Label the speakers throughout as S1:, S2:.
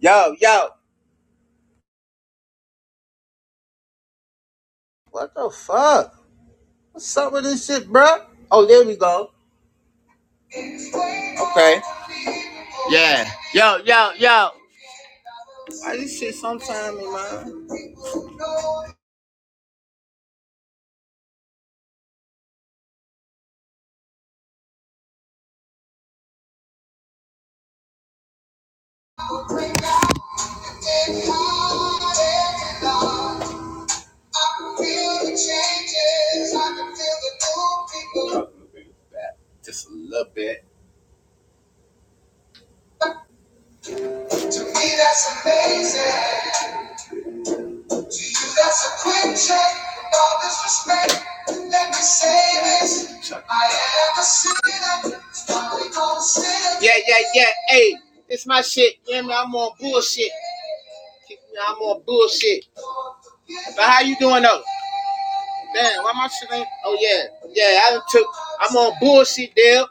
S1: Yo, yo, what the fuck? What's up with this shit, bruh? Oh, there we go. Okay. Yeah. Yo, yo, yo. Why this shit sometime in mind? Just a little bit. To me, that's amazing. That's a quick check. With all this respect, let me say this. I ever seen it. Probably gonna sit. Yeah, yeah, yeah. Hey, it's my shit. Yeah, man, I'm on bullshit. Yeah, I'm on bullshit. But how you doing though? Man, why my shit ain't? Oh yeah, yeah. I took. I'm on bullshit, Dale.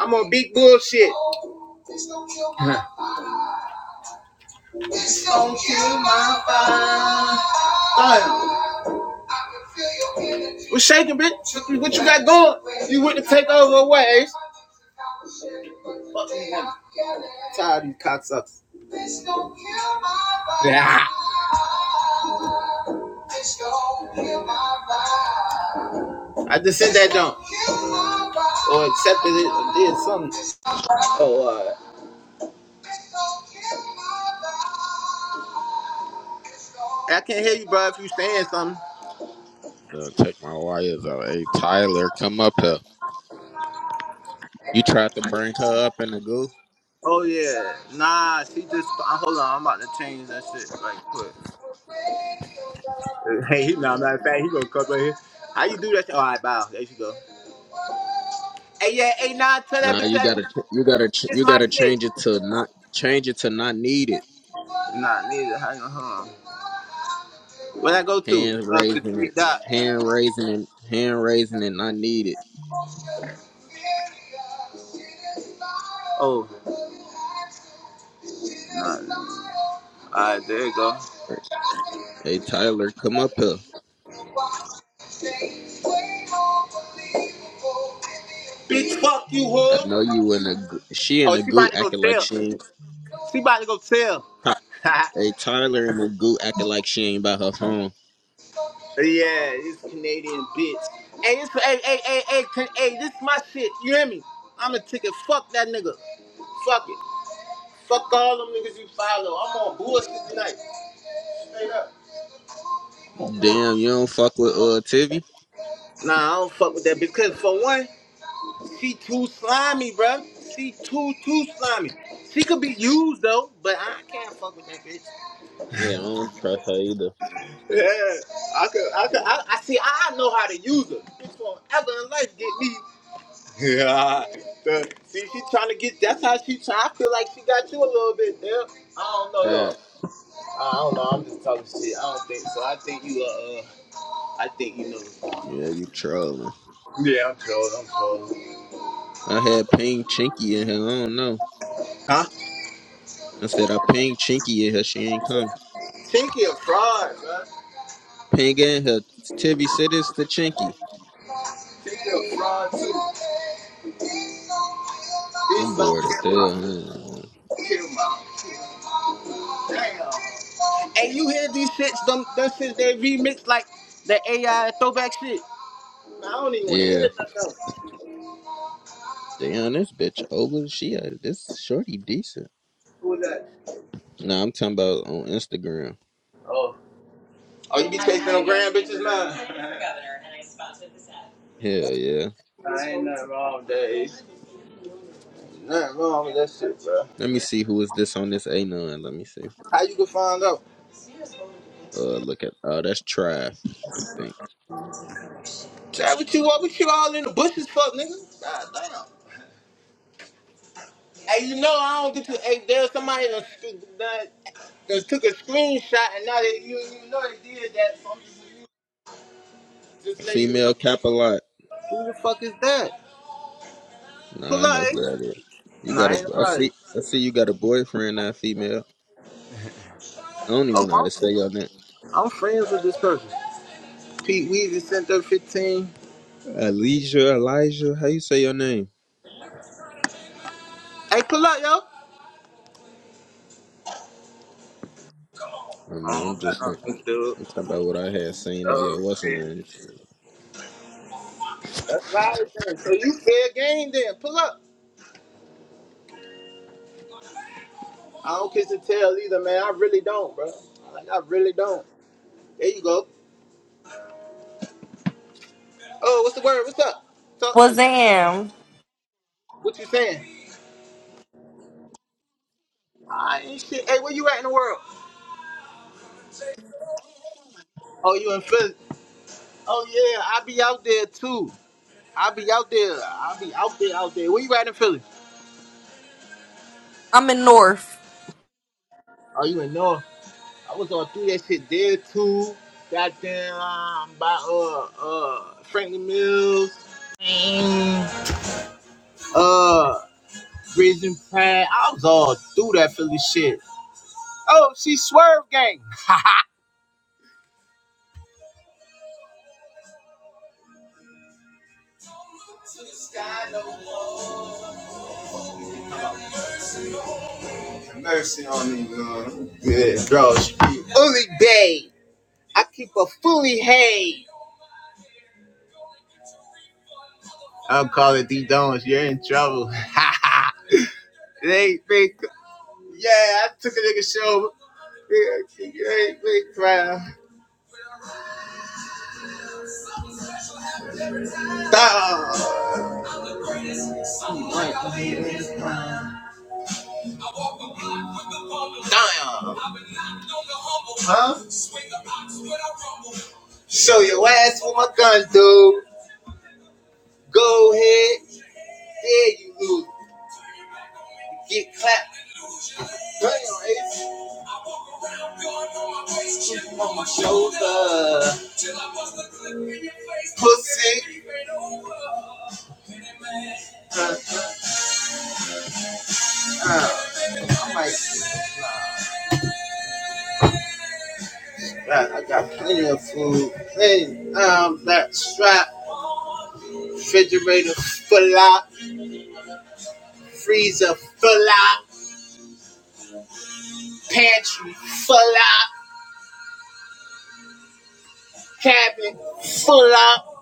S1: I'm on big bullshit. This don't kill my vibe. What's shaking, bitch? What you got going? You went to take over away. I'm Tired of these cocksuckers. Yeah. I just said that don't. Or accepted it or did something. Oh, uh, I can't hear you, bro, if you saying something.
S2: Uh, check my wires out. Hey, Tyler, come up here. You tried to bring her up in the goo.
S1: Oh yeah, nah. She just uh, hold on. I'm about to change that shit right quick. Hey, he nah. Matter of fact, he gonna come right here. How you do that? All right, bow. There you go. Hey yeah, hey nah. Tell that
S2: Nah,
S1: bitch
S2: you
S1: that
S2: gotta, ch- you gotta, ch-
S1: it's
S2: you
S1: my
S2: gotta
S1: shit.
S2: change it to not change it to not needed.
S1: Nah, neither. Hang on, hold on. When I go to
S2: Hand
S1: uh, the
S2: raising
S1: three
S2: it,
S1: dots.
S2: hand raising it, hand raising it, not needed.
S1: Oh, nah. All right, there you go.
S2: Hey, Tyler, come up here.
S1: Bitch, fuck you,
S2: I
S1: whore.
S2: know you in the goo- she in
S1: Oh,
S2: the
S1: she
S2: goo
S1: about to go
S2: acting like
S1: tell.
S2: she ain't.
S1: She about to go tell.
S2: Ty- Hey, Tyler in the goo acting like she ain't by her phone.
S1: Yeah, this Canadian bitch. Hey, this, hey, hey, hey, hey, can, hey, this my shit. You hear me? I'm a ticket. Fuck that nigga. Fuck it. Fuck all them niggas you follow. I'm on bullshit tonight. Straight up.
S2: Damn, you don't fuck with uh Tivy.
S1: Nah, I don't fuck with that bitch. Cause for one, she too slimy, bruh. She too, too slimy. She could be used though, but I can't fuck with that bitch.
S2: Yeah, I don't trust her either.
S1: Yeah, I could, I could, I, I see, I know how to use her. Bitch won't ever in life get me. Yeah. The- see, she trying to get. That's how she try. I feel like she got you a little bit there. I don't know though.
S2: That.
S1: I don't know. I'm just talking shit. I don't think so. I think you uh, uh I think you know.
S2: Yeah, you trolling.
S1: Yeah, I'm trolling. I'm trolling.
S2: I
S1: I'm trolling.
S2: had Ping Chinky in here. I don't know.
S1: Huh?
S2: I said I pinged Chinky in here. She ain't come.
S1: Chinky a fraud, man.
S2: Ping in her. Tivy said it's the Chinky.
S1: Chinky a fraud too.
S2: I'm
S1: This
S2: bored
S1: song
S2: as
S1: get
S2: hell. I ain't gonna-
S1: kill my damn. And you hear these shits? Them, them shits they remix like the AI throwback shit. I don't even want to hear
S2: Yeah.
S1: that though.
S2: Damn, this bitch over. She uh, this shorty decent.
S1: Who was that?
S2: Nah, I'm talking about on Instagram.
S1: Oh. Oh, you be tasting them grand bitches now? Governor, and I sponsored this ad.
S2: Hell yeah.
S1: I ain't nothing wrong days, that. Nothing wrong with that shit, bro.
S2: Let me see who is this on this A9. Let me see.
S1: How you can find out?
S2: Uh, look at. Oh, that's Trav. I think
S1: Chad, what you what, what you all in the bushes fuck nigga? God damn. Hey, you know I don't get to. Hey, there's somebody that, that, that took a screenshot and now they, you you know they did that. So I'm just, just let you know.
S2: female cap a lot.
S1: Who the fuck is that?
S2: Nah,
S1: Pull
S2: I
S1: up,
S2: know who
S1: Ace.
S2: that is. You
S1: Nah,
S2: got
S1: I
S2: a.
S1: ain't
S2: I
S1: nobody.
S2: see. I see. You got a boyfriend now, female. I don't even know how
S1: Oh,
S2: to say your name.
S1: I'm, I'm friends with this person. Pete Weezy sent up 15.
S2: Elijah, Elijah, how you say your name?
S1: Hey, pull up, yo.
S2: I don't know.
S1: I
S2: I'm
S1: don't got
S2: just saying.
S1: nothing to do.
S2: I'm talking about what I had seen on your what's her name. shit.
S1: That's right, then. So you fair game then. Pull up. I don't kiss and tell either, man. I really don't, bro. Like, I really don't. There you go. Oh, what's the word? What's up? Talk to me.
S3: Wazam.
S1: What you saying? Nah, I ain't shit. Hey, where you at in the world? Oh, you in Philly? Oh yeah, I be out there too. I be out there. I be out there, out there. Where you at in Philly?
S3: I'm in North.
S1: Oh, you in North? I was all through that shit there too. Goddamn, um, by uh uh Franklin Mills. Mm. uh Prison Pride. I was all through that Philly shit. Oh, she swerve gang. Mercy on me, Lord. Yeah, bro. Fully bay. I keep a fully hay. I'll call it D Dones. You're in trouble. they think, yeah, I took a nigga show. Yeah, they ain't big crowd. Stop. Damn. Huh? Show your ass with my gun, dude. Go ahead. Yeah, you lose. Get clapped. Damn, it's just on my shoulder. Pussy. Uh, uh, I might. I I got plenty of food. Plenty. um, that strap, refrigerator full up, freezer full up, pantry full up. cabin full up.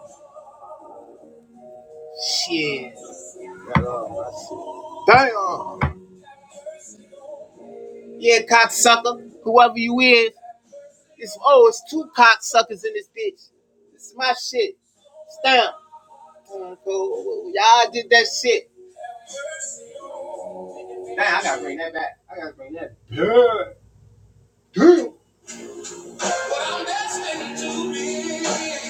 S1: Shit. Damn. Yeah, cocksucker. Whoever you is, it's oh, it's two cocksuckers in this bitch. It's my shit. Stamp. Mm, cool. Y'all did that shit. Damn, I gotta bring that back. I gotta bring that. back. Yeah. Damn. Well, that's it to me. And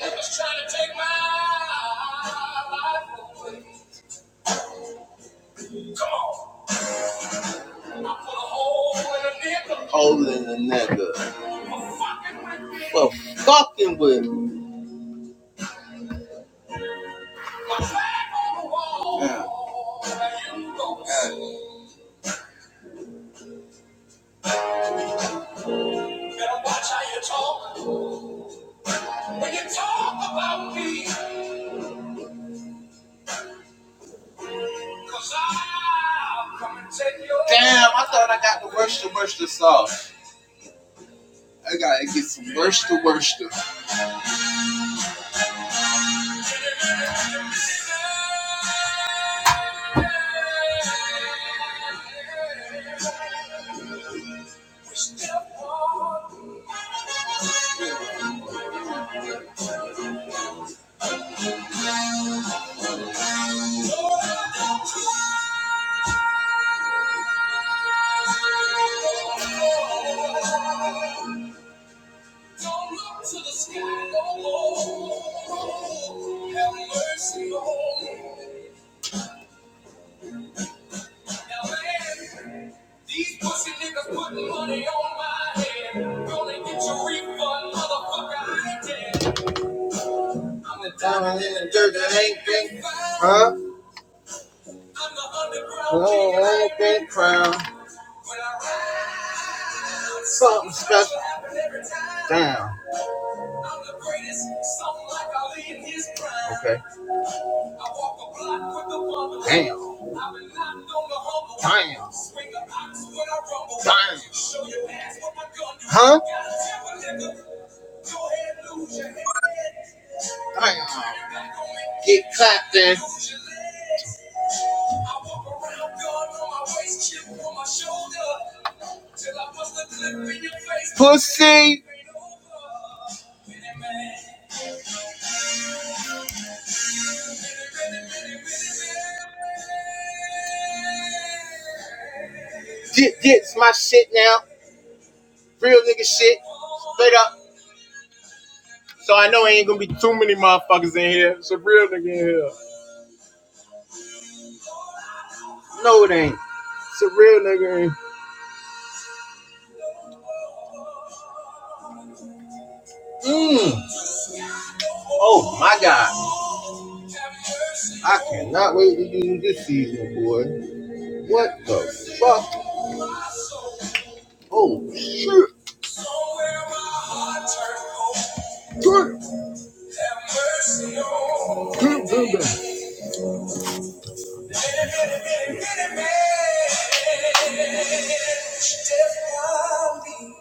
S1: niggas tryna take my life away. Come on. Holding a nigga. For fucking with me. Yeah. Yeah. Better watch how you talk when you talk about me. Cause I'll come and take your Damn, I thought I got the worst of worst sauce. I gotta get some worst of worst. Don't look to the sky no more. Have mercy on me. Now, man, these pussy niggas putting money on my head. Gonna get your refund, motherfucker. I ain't dead. I'm the diamond in the dirt that ain't been found. Huh? I'm the underground king that ain't been crowned. When I ride, something special. Damn. I'm the greatest, something like Ali in his prime. Okay. Damn. Damn. Damn. Huh? Damn. Get clapped in. Pussy. Get, get my shit now. Real nigga shit. Straight up. So I know ain't gonna be too many motherfuckers in here. It's a real nigga in here. No, it ain't. It's a real nigga in Mm. Oh my god. I cannot wait to do this season, boy. What the fuck? Oh shit. Good. Good, good, good.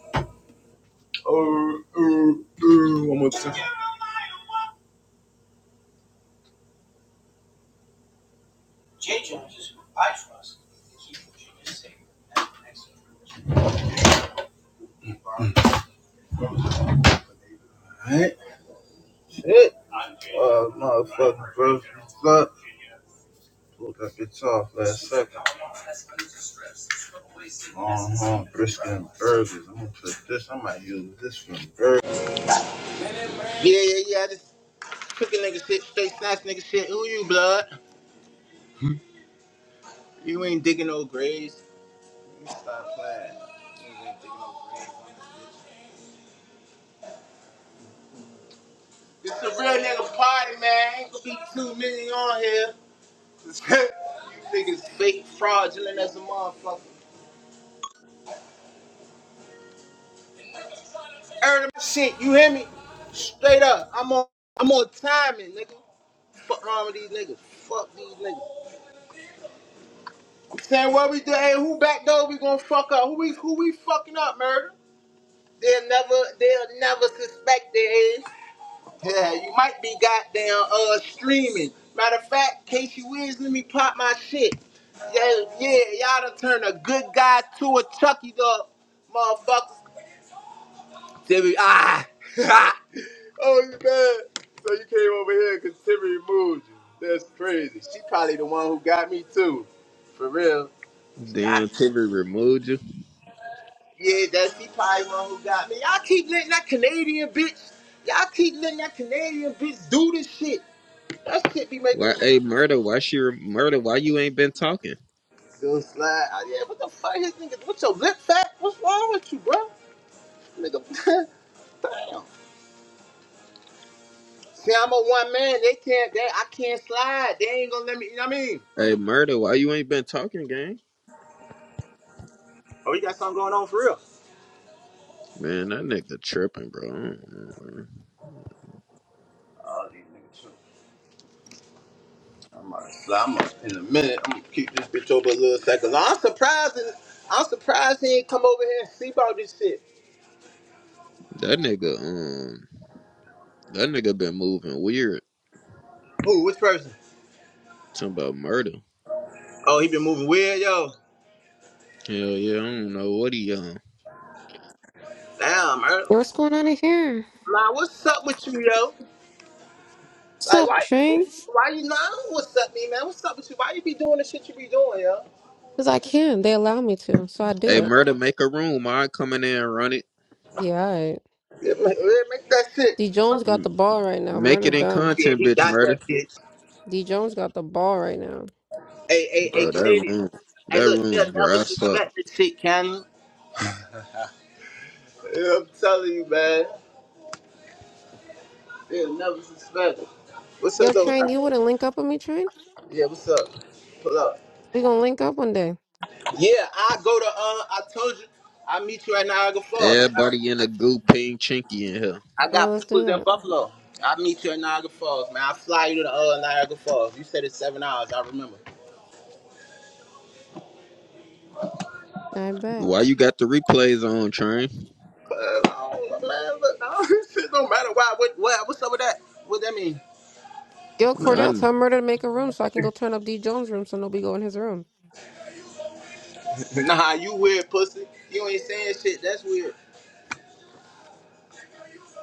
S1: Oh, oh, oh, one more time. Alright. Shit. Uh, motherfucking brother. Fuck. Pulled that bitch off last second. Long home brisket and burgers. I'm gonna put this. I might use this for burgers. Yeah, yeah, yeah. I just cooking nigga shit, straight snatch nigga shit. Who you, blood? You ain't digging no graves. You stop playing. You ain't digging no graves. It's a real nigga party, man. Ain't gonna be two million on here. you niggas fake fraudulent as a motherfucker. Heard of my shit, you hear me? Straight up. I'm on I'm on timing, nigga. Fuck wrong with these niggas. Fuck these niggas. I'm saying what we do, hey, who back door we gonna fuck up? Who we who we fucking up, murder? They'll never they'll never suspect they is. Yeah, you might be goddamn uh streaming. Matter of fact, Casey Wiz, let me pop my shit. Yeah, yeah, y'all done turned a good guy to a Chucky dog, motherfucker. Timmy, ah! Oh, you mad? So you came over here because Timmy removed you. That's crazy. She probably the one who got me too. For real. Y'all,
S2: Damn, Tibby removed you.
S1: yeah, that's she probably the one who got me. Y'all keep letting that Canadian bitch. Y'all keep letting that Canadian bitch do this shit. That shit be making
S2: Why?
S1: me
S2: Hey, murder. Why she re- murder? Why you ain't been talking?
S1: go slide. Oh, yeah, what the fuck, his nigga? What's your lip fat? What's wrong with you, bro? Nigga. Damn. See, I'm a one man. They can't. They, I can't slide. They ain't gonna let me. You know what I mean?
S2: Hey, murder. Why you ain't been talking, gang?
S1: Oh, you got something going on for real?
S2: Man, that nigga tripping, bro. I don't know, man.
S1: I'm gonna, so I'm gonna, in a minute, I'm gonna keep this bitch over a little second. I'm surprised. I'm surprised he ain't come over here and see about this shit.
S2: That nigga, um, that nigga been moving weird.
S1: Who? Which person?
S2: Talking about murder.
S1: Oh, he been moving weird, yo.
S2: Hell yeah, I don't know what he on.
S1: Damn, man.
S4: What's going on in here?
S1: Nah, what's up with you, yo?
S4: What's
S1: Like,
S4: up,
S1: why?
S4: Trey?
S1: Why you nah? What's up, me, man? What's up with you? Why you be doing the shit you be doing, yo?
S4: Because I can. They allow me to, so I do
S2: Hey,
S4: it.
S2: murder, make a room. I come in there and run it.
S4: Yeah, all right.
S1: Yeah, ma- yeah, make that shit.
S4: D Jones got
S2: M-
S4: the ball right now.
S2: Make
S4: Murder
S2: it in
S4: done.
S1: Yeah,
S2: content,
S1: he
S2: bitch,
S1: got
S2: murder.
S1: that shit.
S4: D Jones got the ball right now.
S1: Hey, hey, hey,
S2: Bro, that
S1: Canadian.
S2: room,
S1: Hey,
S2: that
S1: look,
S2: room
S1: they'll never
S2: dries up.
S1: suspect this shit, can they? Yeah, I'm telling you, man. Yeah, never suspect. What's up
S4: Yo,
S1: though?
S4: Train, you wouldn't link up with me, Train?
S1: Yeah, what's up? Pull up.
S4: We gonna link up one day.
S1: Yeah, I go to uh I told you I meet you at Niagara Falls. I got,
S2: Everybody in a gooping chinky in here.
S1: I
S4: All right,
S1: got
S4: let's
S1: peoples
S4: do
S1: in
S4: that.
S1: Buffalo. I meet you at Niagara Falls, man. I fly you to the uh, Niagara Falls. You said it's seven hours, I remember.
S4: I bet.
S2: Why you got the replays on, train?
S1: Uh, oh, man, look, oh, shit don't matter why what what what's up with that? What that mean?
S4: Yo, Cordell,
S2: None.
S4: tell Murder to make a room so I can go turn up D Jones' room so nobody go in his room.
S1: Nah, you weird pussy. You ain't saying shit, that's weird.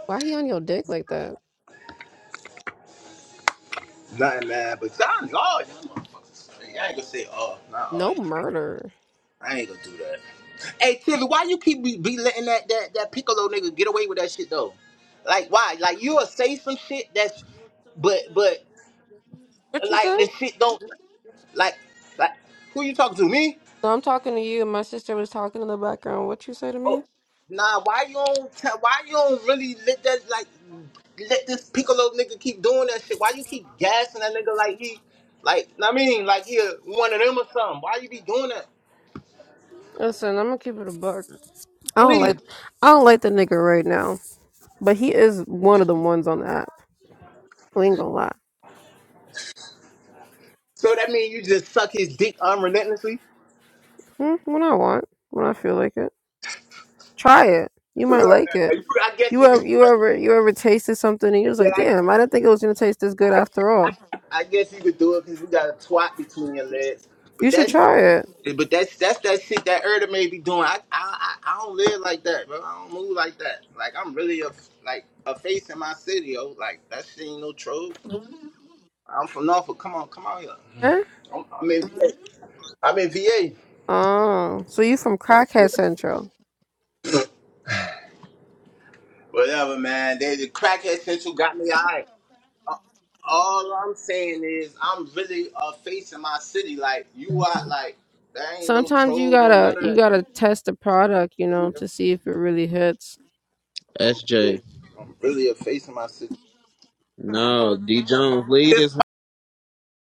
S4: Why he on your dick like that?
S1: Nothing man, but y'all y'all y'all motherfuckers. I ain't gonna say oh, not all.
S4: No murder.
S1: I ain't gonna do that. Hey Tilly, why you keep be, be letting that, that that piccolo nigga get away with that shit though? Like why? Like you'll say some shit that's but but
S4: What you
S1: like
S4: say?
S1: the shit don't like like who you talking to? Me?
S4: No, I'm talking to you. My sister was talking in the background. What you say to
S1: Oh
S4: me?
S1: nah, why you don't t- why you don't really let that like let this piccolo nigga keep doing that shit? Why you keep gassing that nigga like he like I mean like he a- one of them or something? Why you be doing that?
S4: Listen, I'm gonna keep it a buck. I don't
S1: Please.
S4: like, I don't like the nigga right now, but he is one of the ones on the app. We ain't gonna lie.
S1: So that mean you just suck his dick unrelentlessly?
S4: Hmm, when I want, when I feel like it, try it. You might
S1: I
S4: like it.
S1: guess
S4: You
S1: you
S4: ever,
S1: could do
S4: you
S1: it.
S4: ever, you ever tasted something and you was
S1: Yeah,
S4: like,
S1: I,
S4: damn, I didn't think it was gonna taste this good
S1: I,
S4: after all.
S1: I, I guess you could do it because you got a twat between your legs. But
S4: You should
S1: that's
S4: try it.
S1: but that's that's that shit that Erda may be doing. I I I I don't live like that, bro. I don't move like that. Like I'm really a like a face in my city, yo. Like that shit ain't no troll. I'm from Norfolk. Come on, come on here.
S4: Eh?
S1: I'm, I'm in V A. I'm in VA.
S4: Oh, so you from Crackhead Central?
S1: Whatever, man. They the crackhead central got me high. all I'm saying is I'm really uh, facing my city. Like you are like there ain't no
S4: Sometimes you
S1: troll, no
S4: gotta,
S1: none of
S4: you gotta test the product, you know,
S1: that.
S4: to see if it really hits.
S1: I'm really,
S2: SJ.
S1: I'm really facing my city.
S2: No, D Jones. Lead is